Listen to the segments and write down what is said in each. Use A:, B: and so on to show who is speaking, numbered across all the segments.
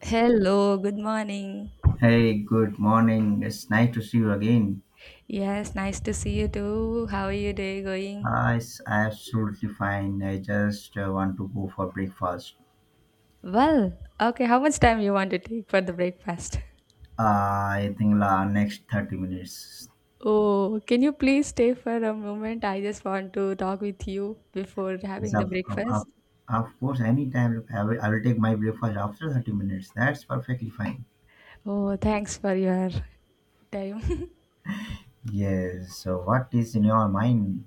A: Hello, good morning.
B: Hey, good morning. It's nice to see you again.
A: Yes, nice to see you too. How are your day going?
B: It's absolutely fine. I just want to go for breakfast.
A: Well, okay, how much time you want to take for the breakfast?
B: I think la next 30 minutes.
A: Oh, can you please stay for a moment? I just want to talk with you before
B: Yes,
A: having the
B: of, of, of
A: breakfast.
B: of course, anytime. Look, I will take my breakfast after 30 minutes. That's perfectly fine.
A: Oh, thanks for your time.
B: Yes, so what is in your mind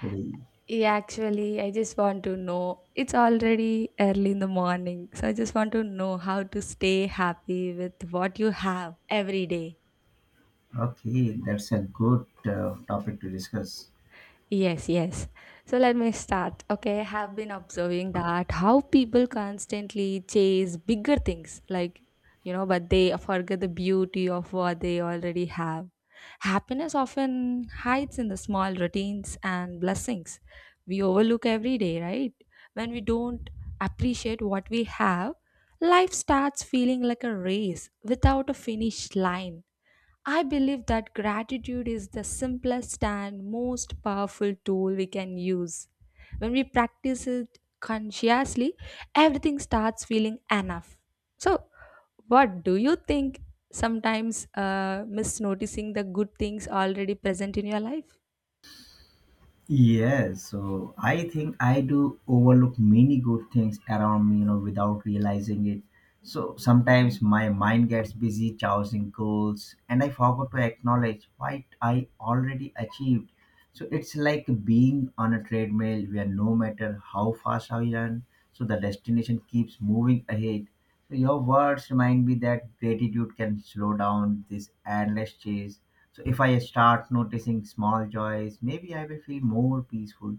B: today?
A: Yeah, actually, I just want to know. It's already early in the morning, so I just want to know how to stay happy with what you have every day.
B: Okay, that's a good topic to discuss.
A: Yes, yes. So let me start. Okay, I have been observing that how people constantly chase bigger things, but they forget the beauty of what they already have. Happiness often hides in the small routines and blessings we overlook every day, right? When we don't appreciate what we have, life starts feeling like a race without a finish line. I believe that gratitude is the simplest and most powerful tool we can use. When we practice it consciously, everything starts feeling enough. So, what do you think sometimes miss noticing the good things already present in your life?
B: Yes, so I think I do overlook many good things around me, you know, without realizing it. So sometimes my mind gets busy chasing goals and I forgot to acknowledge what I already achieved. So it's like being on a treadmill where no matter how fast I run, so the destination keeps moving ahead. So your words remind me that gratitude can slow down this endless chase. So if I start noticing small joys, maybe I will feel more peaceful.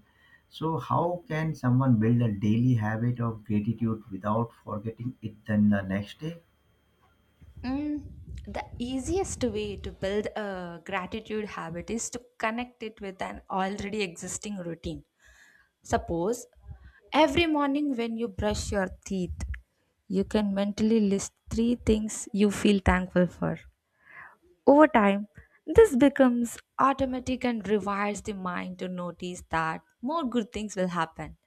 B: So how can someone build a daily habit of gratitude without forgetting it then the next day?
A: Mm, the easiest way to build a gratitude habit is to connect it with an already existing routine. Suppose every morning when you brush your teeth, you can mentally list three things you feel thankful for. Over time, this becomes automatic and rewires the mind to notice that more good things will happen.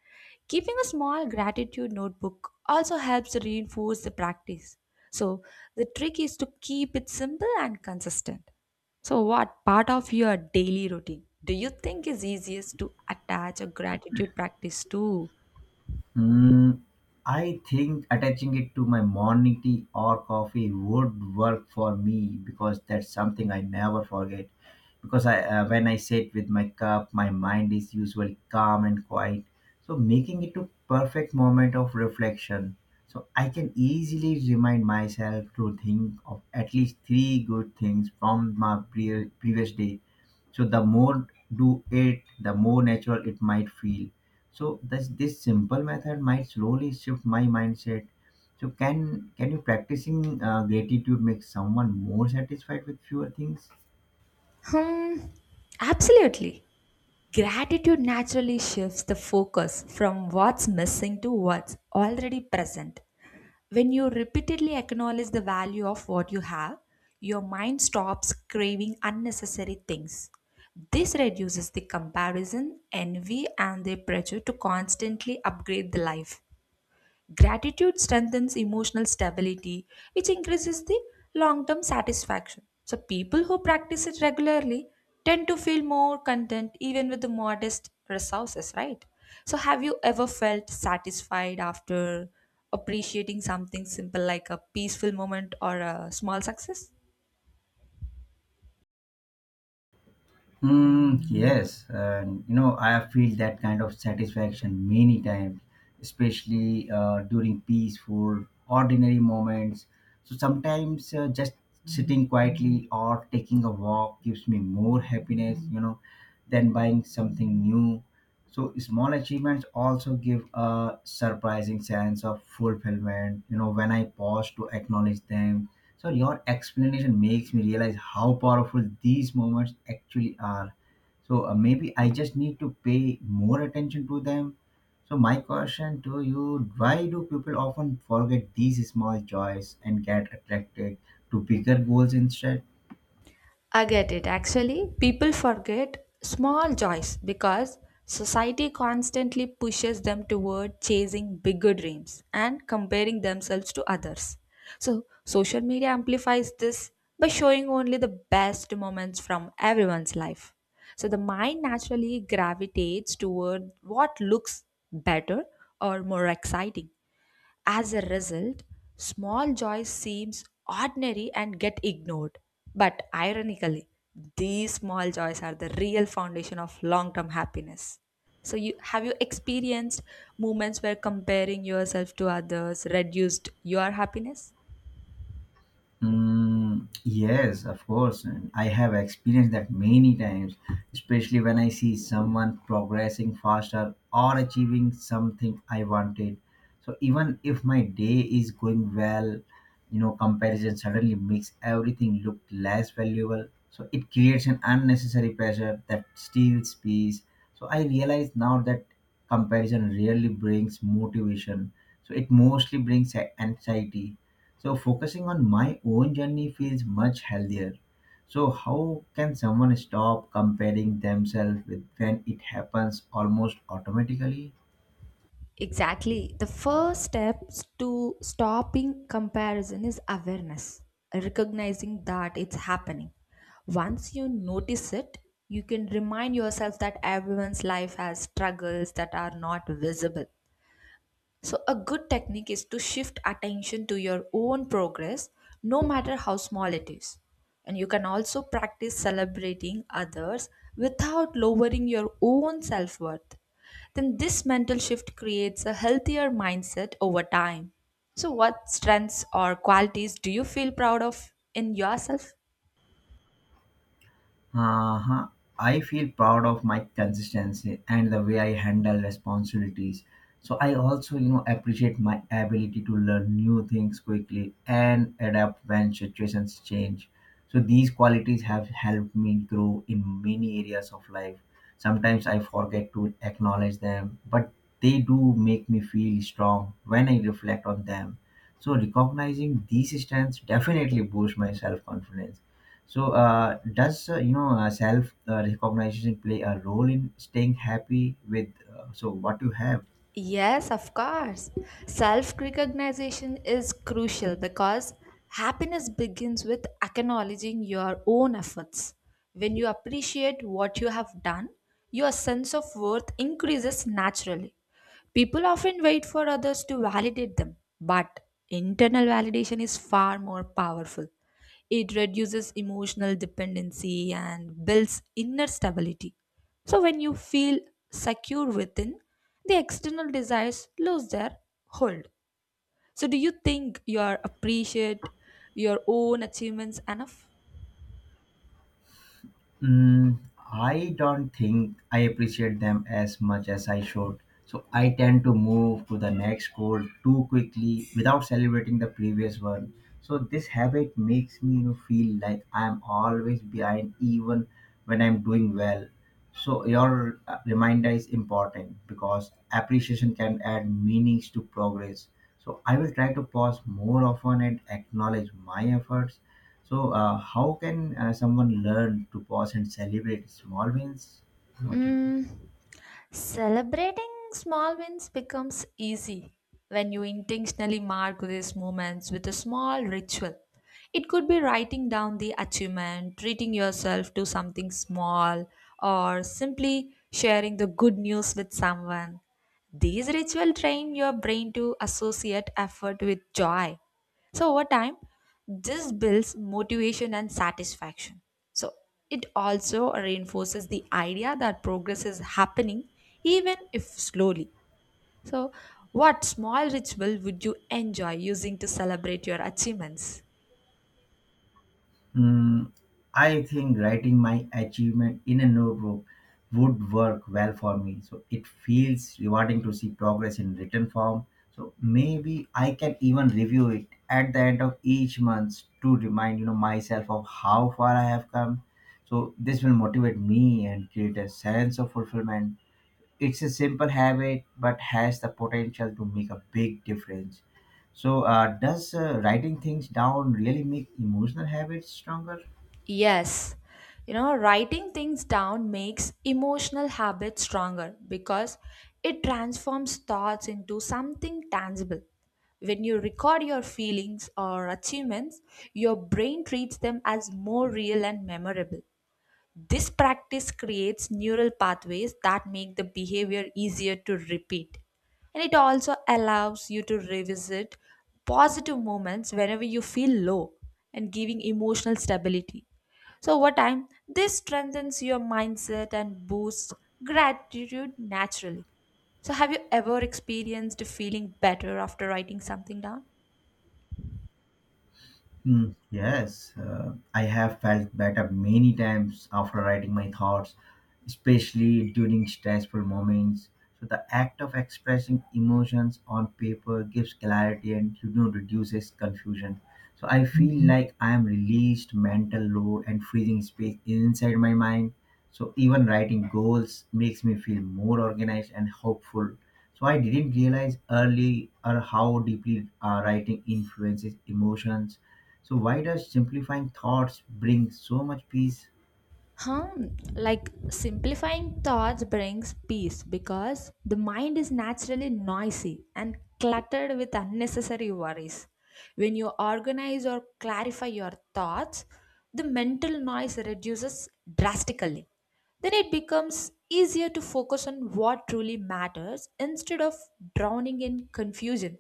A: Keeping a small gratitude notebook also helps to reinforce the practice. So, the trick is to keep it simple and consistent. So, what part of your daily routine do you think is easiest to attach a gratitude practice to?
B: Mm, I think attaching it to my morning tea or coffee would work for me because that's something I never forget. Because when I sit with my cup, my mind is usually calm and quiet. So making it a perfect moment of reflection. So I can easily remind myself to think of at least three good things from my previous day. So the more do it, the more natural it might feel. So this simple method might slowly shift my mindset. So can you practicing gratitude make someone more satisfied with fewer things?
A: Hmm, absolutely. Gratitude naturally shifts the focus from what's missing to what's already present. When you repeatedly acknowledge the value of what you have, your mind stops craving unnecessary things. This reduces the comparison, envy, and the pressure to constantly upgrade the life. Gratitude strengthens emotional stability, which increases the long term satisfaction. So, people who practice it regularly tend to feel more content even with the modest resources, right? So, have you ever felt satisfied after appreciating something simple like a peaceful moment or a small success?
B: Mm, yes, and you know, I feel that kind of satisfaction many times, especially during peaceful, ordinary moments. So sometimes just sitting quietly or taking a walk gives me more happiness, you know, than buying something new. So small achievements also give a surprising sense of fulfillment, you know, when I pause to acknowledge them, so your explanation makes me realize how powerful these moments actually are. So maybe I just need to pay more attention to them. So my question to you, why do people often forget these small joys and get attracted to bigger goals instead?
A: I get it. Actually, people forget small joys because society constantly pushes them toward chasing bigger dreams and comparing themselves to others. So, social media amplifies this by showing only the best moments from everyone's life. So, the mind naturally gravitates toward what looks better or more exciting. As a result, small joy seems ordinary and get ignored. But ironically, these small joys are the real foundation of long-term happiness. So you experienced moments where comparing yourself to others reduced your happiness?
B: Mm, yes, of course. And I have experienced that many times, especially when I see someone progressing faster or achieving something I wanted. So even if my day is going well, you know, comparison suddenly makes everything look less valuable. So it creates an unnecessary pressure that steals peace. So I realize now that comparison rarely brings motivation. So it mostly brings anxiety, so focusing on my own journey feels much healthier. So how can someone stop comparing themselves with when it happens almost automatically?
A: Exactly. The first steps to stopping comparison is awareness, recognizing that it's happening. Once you notice it, you can remind yourself that everyone's life has struggles that are not visible. So, a good technique is to shift attention to your own progress, no matter how small it is. And you can also practice celebrating others without lowering your own self worth. Then, this mental shift creates a healthier mindset over time. So, what strengths or qualities do you feel proud of in yourself?
B: Uh-huh. I feel proud of my consistency and the way I handle responsibilities. So I also, you know, appreciate my ability to learn new things quickly and adapt when situations change. So these qualities have helped me grow in many areas of life. Sometimes I forget to acknowledge them, but they do make me feel strong when I reflect on them. So recognizing these strengths definitely boosts my self-confidence. So, does self recognition play a role in staying happy with what you have?
A: Yes, of course. Self recognition is crucial because happiness begins with acknowledging your own efforts. When you appreciate what you have done, your sense of worth increases naturally. People often wait for others to validate them, but internal validation is far more powerful. It reduces emotional dependency and builds inner stability. So, when you feel secure within, the external desires lose their hold. So, do you think you are appreciate your own achievements enough?
B: Mm, I don't think I appreciate them as much as I should. So I tend to move to the next goal too quickly without celebrating the previous one. So this habit makes me, you know, feel like I'm always behind even when I'm doing well. So your reminder is important because appreciation can add meanings to progress. So I will try to pause more often and acknowledge my efforts. So, how can someone learn to pause and celebrate small wins? What do you think?
A: Mm, celebrating small wins becomes easy when you intentionally mark these moments with a small ritual. It could be writing down the achievement, treating yourself to something small, or simply sharing the good news with someone. These rituals train your brain to associate effort with joy, so over time, this builds motivation and satisfaction. So it also reinforces the idea that progress is happening even if slowly. So what small ritual would you enjoy using to celebrate your achievements?
B: Mm, I think writing my achievement in a notebook would work well for me. So, it feels rewarding to see progress in written form. So, maybe I can even review it at the end of each month to remind, you know, myself of how far I have come. So, this will motivate me and create a sense of fulfillment. It's a simple habit, but has the potential to make a big difference. So, does writing things down really make emotional habits stronger?
A: Yes, writing things down makes emotional habits stronger because it transforms thoughts into something tangible. When you record your feelings or achievements, your brain treats them as more real and memorable. This practice creates neural pathways that make the behavior easier to repeat. And it also allows you to revisit positive moments whenever you feel low and giving emotional stability. So, over time, this strengthens your mindset and boosts gratitude naturally. So, have you ever experienced feeling better after writing something down?
B: Mm, yes, I have felt better many times after writing my thoughts, especially during stressful moments. So the act of expressing emotions on paper gives clarity and, you know, reduces confusion. So I feel like I am released mental load and freezing space inside my mind. So even writing goals makes me feel more organized and hopeful. So I didn't realize early or how deeply writing influences emotions, so why does simplifying thoughts bring so much peace?
A: Huh? Like simplifying thoughts brings peace because the mind is naturally noisy and cluttered with unnecessary worries. When you organize or clarify your thoughts, the mental noise reduces drastically. Then it becomes easier to focus on what truly matters instead of drowning in confusion.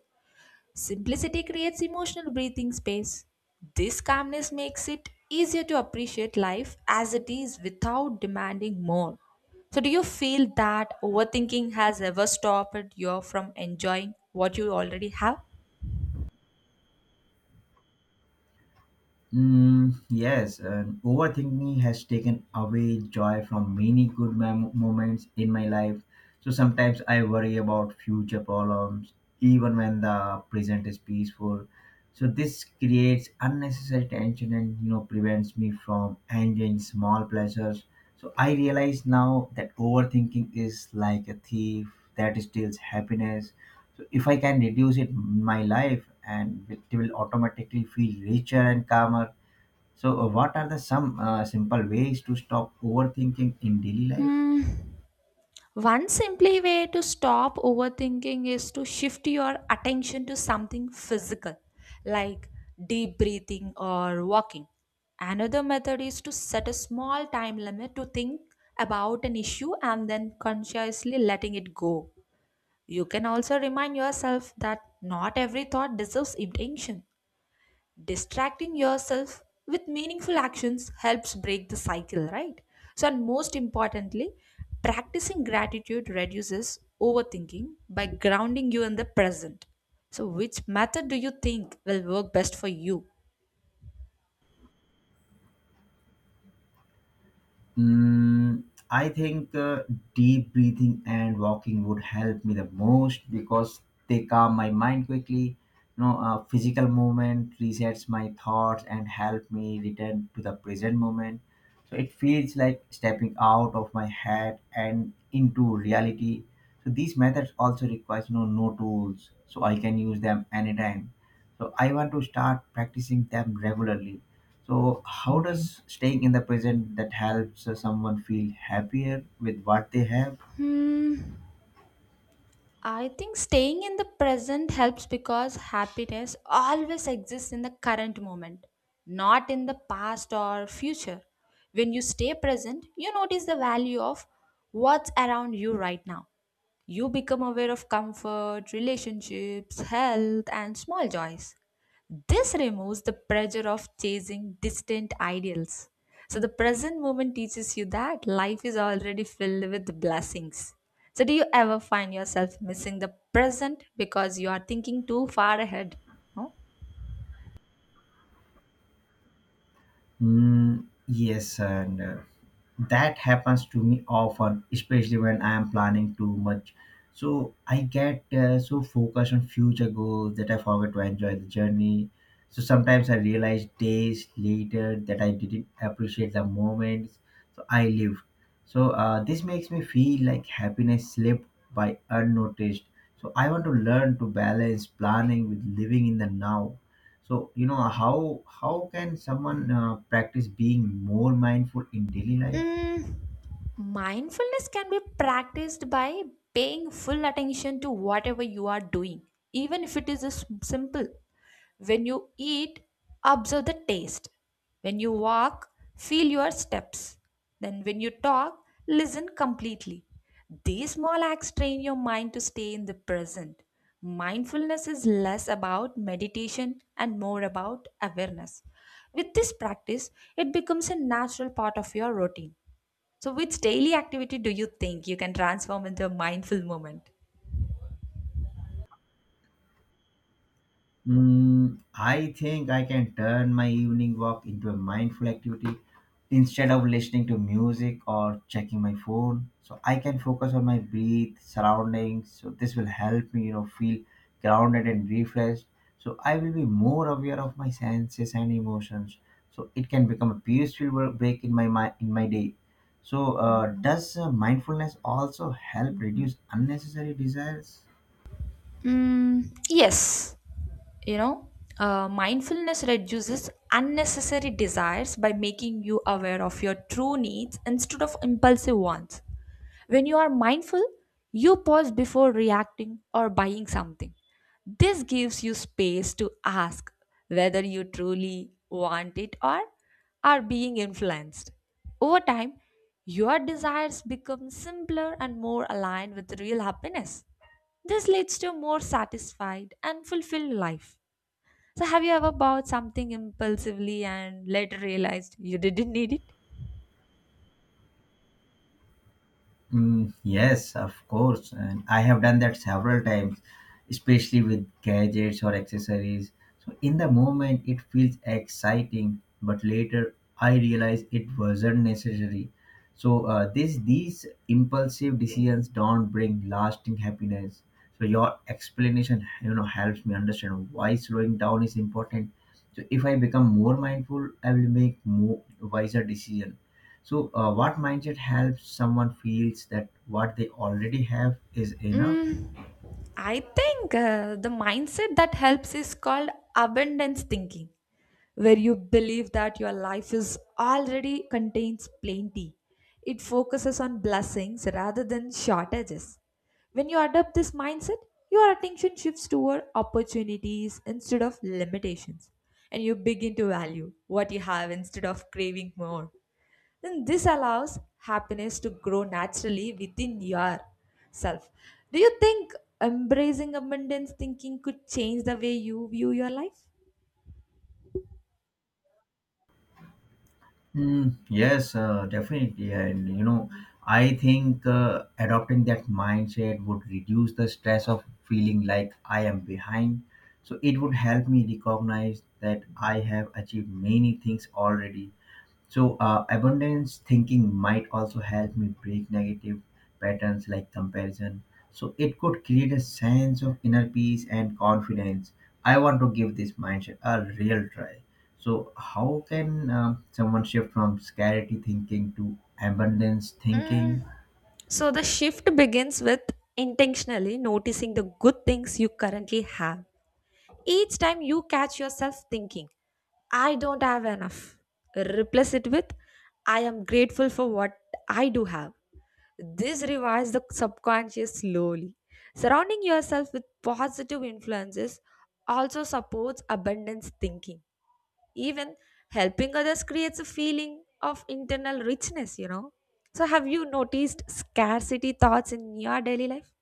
A: Simplicity creates emotional breathing space. This calmness makes it easier to appreciate life as it is without demanding more. So, do you feel that overthinking has ever stopped you from enjoying what you already have?
B: Mm, yes, and overthinking has taken away joy from many good moments in my life. So sometimes I worry about future problems, even when the present is peaceful. So this creates unnecessary tension and, you know, prevents me from enjoying small pleasures. So I realize now that overthinking is like a thief that steals happiness. So if I can reduce it in my life and it will automatically feel richer and calmer. So what are the some simple ways to stop overthinking in daily life?
A: Hmm. One simply way to stop overthinking is to shift your attention to something physical, like deep breathing or walking. Another method is to set a small time limit to think about an issue and then consciously letting it go. You can also remind yourself that not every thought deserves attention. Distracting yourself with meaningful actions helps break the cycle, right? So, and most importantly, practicing gratitude reduces overthinking by grounding you in the present. So which method do you think will work best for you?
B: Mm, I think deep breathing and walking would help me the most because they calm my mind quickly. You know, physical movement resets my thoughts and help me return to the present moment. So it feels like stepping out of my head and into reality. So these methods also requires no tools, so I can use them anytime. So I want to start practicing them regularly. So how does staying in the present that helps someone feel happier with what they have?
A: Hmm, I think staying in the present helps because happiness always exists in the current moment, not in the past or future. When you stay present, you notice the value of what's around you right now. You become aware of comfort, relationships, health, and small joys. This removes the pressure of chasing distant ideals. So, the present moment teaches you that life is already filled with blessings. So, do you ever find yourself missing the present because you are thinking too far ahead? No?
B: Mm, yes, and that happens to me often, especially when I am planning too much. So I get so focused on future goals that I forget to enjoy the journey. So sometimes I realize days later that I didn't appreciate the moments so I lived. So this makes me feel like happiness slipped by unnoticed. So I want to learn to balance planning with living in the now. So, you know, how can someone practice being more mindful in daily life?
A: Mm, mindfulness can be practiced by paying full attention to whatever you are doing, even if it is a simple. When you eat, observe the taste. When you walk, feel your steps. Then, when you talk, listen completely. These small acts train your mind to stay in the present. Mindfulness is less about meditation and more about awareness. With this practice, it becomes a natural part of your routine. So, which daily activity do you think you can transform into a mindful moment?
B: Mm, I think I can turn my evening walk into a mindful activity instead of listening to music or checking my phone. So I can focus on my breath, surroundings. So this will help me, you know, feel grounded and refreshed. So I will be more aware of my senses and emotions. So it can become a peaceful break in my day. So does mindfulness also help reduce unnecessary desires?
A: Mm, yes, you know, mindfulness reduces unnecessary desires by making you aware of your true needs instead of impulsive ones. When you are mindful, you pause before reacting or buying something. This gives you space to ask whether you truly want it or are being influenced. Over time, your desires become simpler and more aligned with real happiness. This leads to a more satisfied and fulfilled life. So, have you ever bought something impulsively and later realized you didn't need it?
B: Mm, yes, of course. And I have done that several times, especially with gadgets or accessories. So, in the moment, it feels exciting, but later I realize it wasn't necessary. So, these impulsive decisions don't bring lasting happiness. So, your explanation, you know, helps me understand why slowing down is important. So, if I become more mindful, I will make more wiser decisions. So, what mindset helps someone feels that what they already have is enough?
A: Mm, I think the mindset that helps is called abundance thinking, where you believe that your life is already contains plenty. It focuses on blessings rather than shortages. When you adopt this mindset, your attention shifts toward opportunities instead of limitations, and you begin to value what you have instead of craving more. Then this allows happiness to grow naturally within yourself. Do you think embracing abundance thinking could change the way you view your life?
B: Mm, yes, definitely. And you know, I think adopting that mindset would reduce the stress of feeling like I am behind. So, it would help me recognize that I have achieved many things already. So, abundance thinking might also help me break negative patterns like comparison. So, it could create a sense of inner peace and confidence. I want to give this mindset a real try. So, how can someone shift from scarcity thinking to abundance thinking?
A: Mm, So the shift begins with intentionally noticing the good things you currently have. Each time you catch yourself thinking, I don't have enough, replace it with, I am grateful for what I do have. This revives the subconscious slowly. Surrounding yourself with positive influences also supports abundance thinking. Even helping others creates a feeling of internal richness, you know. So, have you noticed scarcity thoughts in your daily life?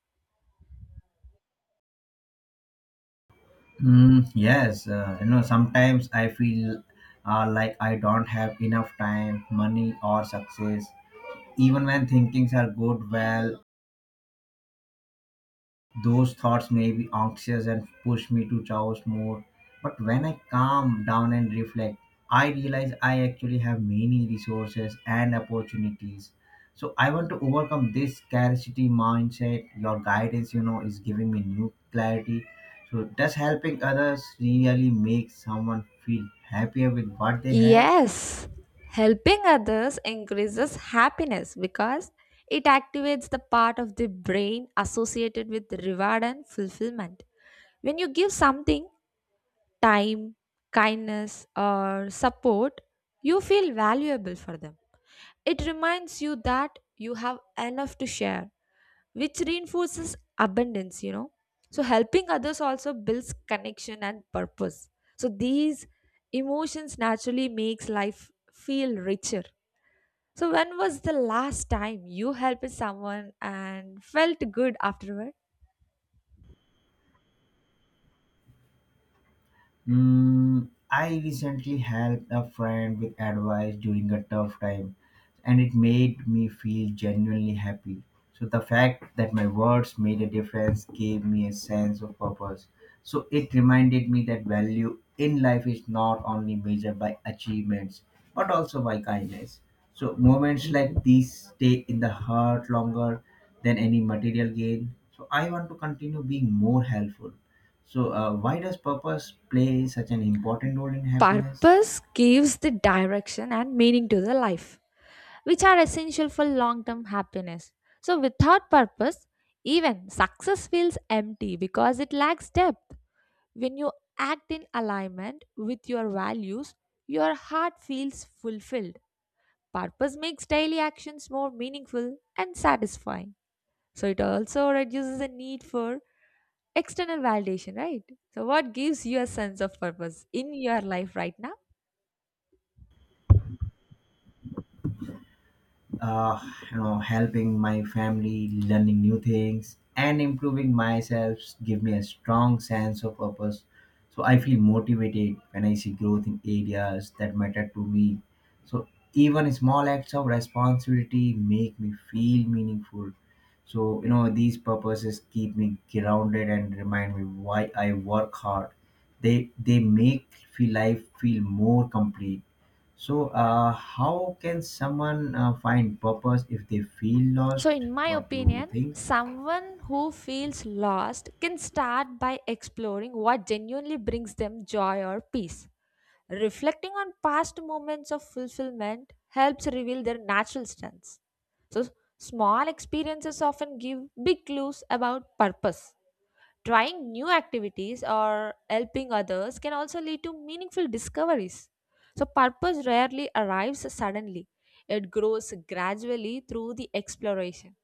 B: Mm, yes, you know, sometimes I feel like I don't have enough time, money, or success. Even when thinkings are good, well, those thoughts may be anxious and push me to chaos more. But when I calm down and reflect, I realize I actually have many resources and opportunities. So I want to overcome this scarcity mindset. Your guidance, you know, is giving me new clarity. So does helping others really make someone feel happier with what they have?
A: Yes, helping others increases happiness because it activates the part of the brain associated with reward and fulfillment. When you give something, time, kindness, or support, you feel valuable for them. It reminds you that you have enough to share, which reinforces abundance, you know. So, helping others also builds connection and purpose. So, these emotions naturally makes life feel richer. So, when was the last time you helped someone and felt good afterward?
B: Mm, I recently helped a friend with advice during a tough time, and it made me feel genuinely happy. So, the fact that my words made a difference gave me a sense of purpose. So, it reminded me that value in life is not only measured by achievements but also by kindness. So, moments like these stay in the heart longer than any material gain. So, I want to continue being more helpful. So, why does purpose play such an important role in happiness?
A: Purpose gives the direction and meaning to the life, which are essential for long term happiness. So, without purpose, even success feels empty because it lacks depth. When you act in alignment with your values, your heart feels fulfilled. Purpose makes daily actions more meaningful and satisfying. So, it also reduces the need for external validation, right? So, what gives you a sense of purpose in your life right now?
B: uh, Helping my family, learning new things, and improving myself give me a strong sense of purpose. So I feel motivated when I see growth in areas that matter to me. So even small acts of responsibility make me feel meaningful. So these purposes keep me grounded and remind me why I work hard. They make feel life feel more complete. So, how can someone find purpose if they feel lost?
A: So, in my
B: What do you
A: opinion,
B: think?
A: someone who feels lost can start by exploring what genuinely brings them joy or peace. Reflecting on past moments of fulfillment helps reveal their natural strengths. So, small experiences often give big clues about purpose. Trying new activities or helping others can also lead to meaningful discoveries. So, purpose rarely arrives suddenly, it grows gradually through the exploration.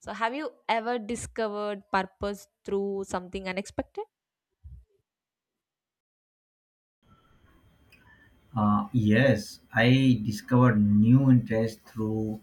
A: So, have you ever discovered purpose through something unexpected?
B: Yes, I discovered new interest through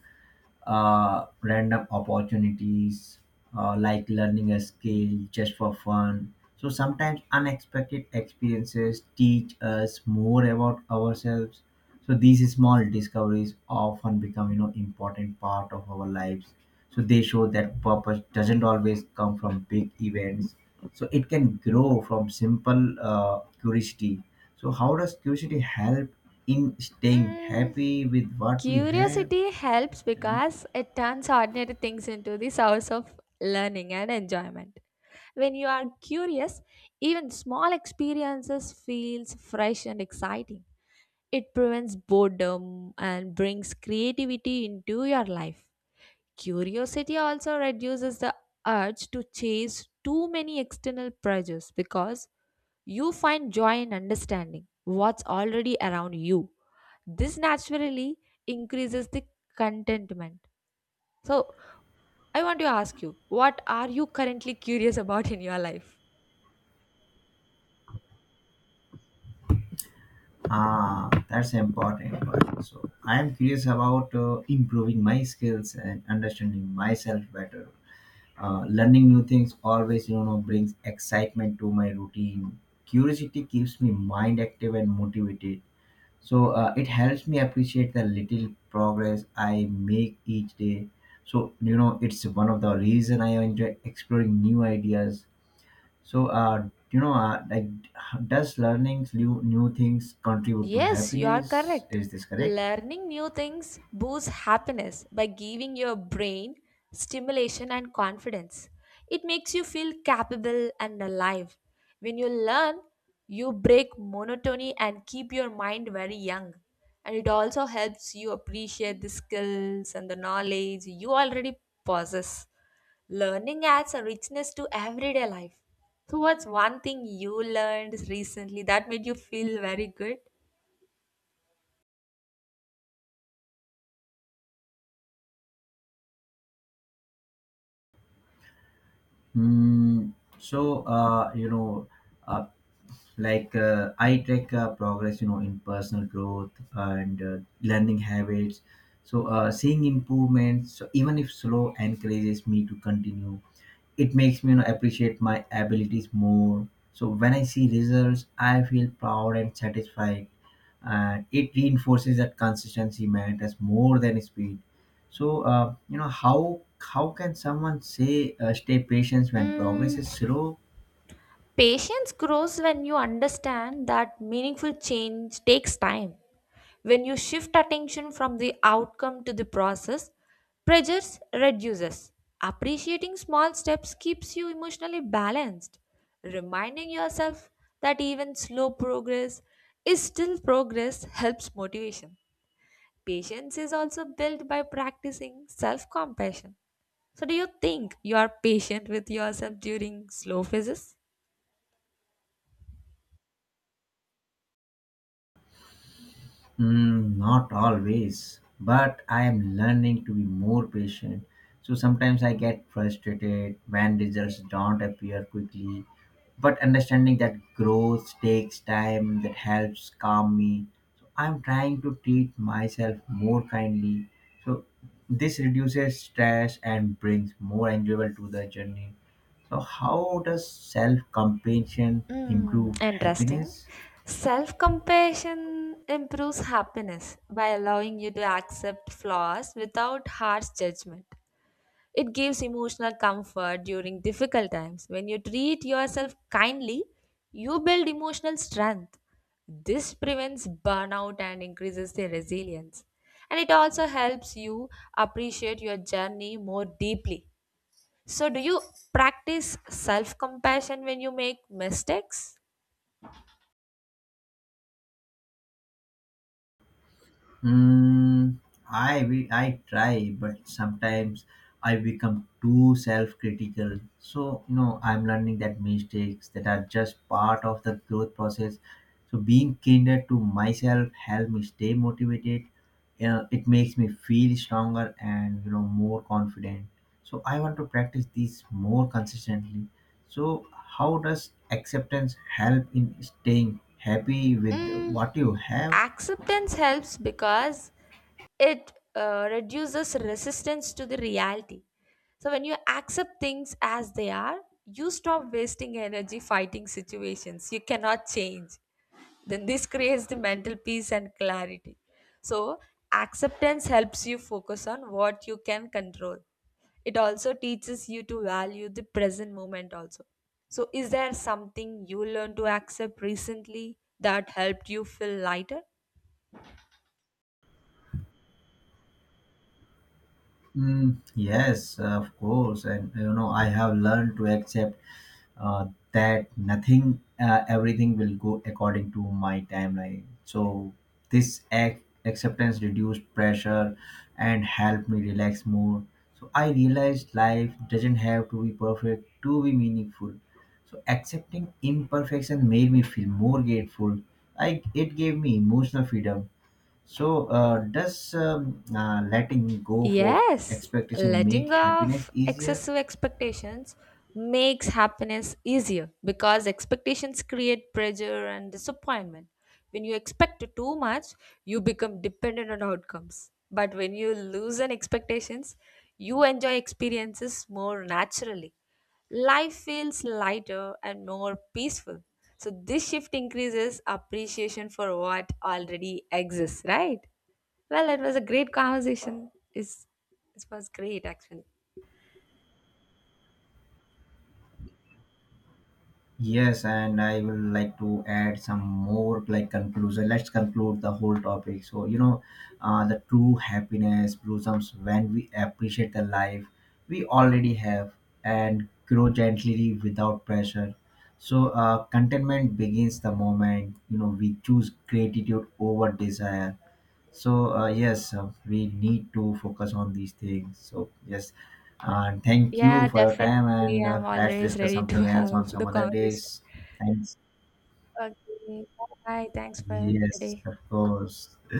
B: random opportunities, like learning a skill just for fun. So sometimes unexpected experiences teach us more about ourselves. So these small discoveries often become important part of our lives. So they show that purpose doesn't always come from big events. So it can grow from simple curiosity. So how does curiosity help in staying
A: Mm,
B: happy with what we have?
A: curiosity helps
B: Tell me.
A: because it turns ordinary things into the source of learning and enjoyment. When you are curious, even small experiences feels fresh and exciting. It prevents boredom and brings creativity into your life. Curiosity also reduces the urge to chase too many external pressures because you find joy in understanding what's already around you. This naturally increases the contentment. So, I want to ask you, what are you currently curious about in your life?
B: Ah, that's an important point. So I am curious about improving my skills and understanding myself better. Learning new things always, brings excitement to my routine. Curiosity keeps me mind active and motivated. So it helps me appreciate the little progress I make each day. So it's one of the reason I enjoy exploring new ideas. So, you know, uh, like, does learning new things contribute to
A: Yes, you are
B: happiness?
A: correct.
B: Is this correct?
A: Learning new things boosts happiness by giving your brain stimulation and confidence. It makes you feel capable and alive. When you learn, you break monotony and keep your mind very young. And it also helps you appreciate the skills and the knowledge you already possess. Learning adds a richness to everyday life. So, what's one thing you learned recently that made you feel very good?
B: Hmm. So uh, I track progress in personal growth and learning habits. So seeing improvements, so even if slow, encourages me to continue. It makes me appreciate my abilities more. So when I see results, I feel proud and satisfied, and it reinforces that consistency matters more than speed. So how can someone say stay patient when progress
A: Mm,
B: is slow?
A: patience grows when you understand that meaningful change takes time. When you shift attention from the outcome to the process, pressure reduces. Appreciating small steps keeps you emotionally balanced. Reminding yourself that even slow progress is still progress helps motivation. Patience is also built by practicing self compassion. So, do you think you are patient with yourself during slow phases?
B: Mm, not always, but I am learning to be more patient. So sometimes I get frustrated when results don't appear quickly. But understanding that growth takes time, that helps calm me. So I'm trying to treat myself more kindly. So this reduces stress and brings more enjoyable to the journey. So how does self-compassion improve
A: Mm, interesting.
B: happiness?
A: Self compassion improves happiness by allowing you to accept flaws without harsh judgment. It gives emotional comfort during difficult times. When you treat yourself kindly, you build emotional strength. This prevents burnout and increases the resilience. And it also helps you appreciate your journey more deeply. So, do you practice self compassion when you make mistakes?
B: Mm, I try, but sometimes I become too self-critical. So I'm learning that mistakes that are just part of the growth process. So being kinder to myself helps me stay motivated. It makes me feel stronger and more confident. So I want to practice these more consistently. So how does acceptance help in staying happy with
A: Mm,
B: what you have?
A: acceptance helps because it reduces resistance to the reality. So when you accept things as they are, you stop wasting energy fighting situations you cannot change. Then this creates the mental peace and clarity. So acceptance helps you focus on what you can control. It also teaches you to value the present moment also. So is there something you learned to accept recently that helped you feel lighter?
B: Mm, yes, of course. And I have learned to accept uh, that nothing, everything will go according to my timeline. So this acceptance reduced pressure and helped me relax more. So I realized life doesn't have to be perfect to be meaningful. So accepting imperfection made me feel more grateful. I It gave me emotional freedom. So, does letting go of
A: Yes,
B: expectation make
A: letting go
B: happiness
A: of
B: easier?
A: excessive expectations makes happiness easier because expectations create pressure and disappointment. When you expect too much, you become dependent on outcomes. But when you loosen expectations, you enjoy experiences more naturally. Life feels lighter and more peaceful. So, this shift increases appreciation for what already exists, right? Well, it was a great conversation. Is it was great actually.
B: Yes, and I will like to add some more like conclusion. Let's conclude the whole topic. So, the true happiness blossoms when we appreciate the life we already have and grow gently without pressure. So, contentment begins the moment we choose gratitude over desire. So yes, we need to focus on these things. So yes, thank you
A: Yeah,
B: for your time,
A: definitely.
B: and
A: I'm
B: let's
A: always
B: discuss
A: ready to
B: something else on
A: have
B: some
A: the
B: other
A: conversation.
B: days. Thanks.
A: Okay. Bye bye. Thanks for
B: Yes,
A: today.
B: of course.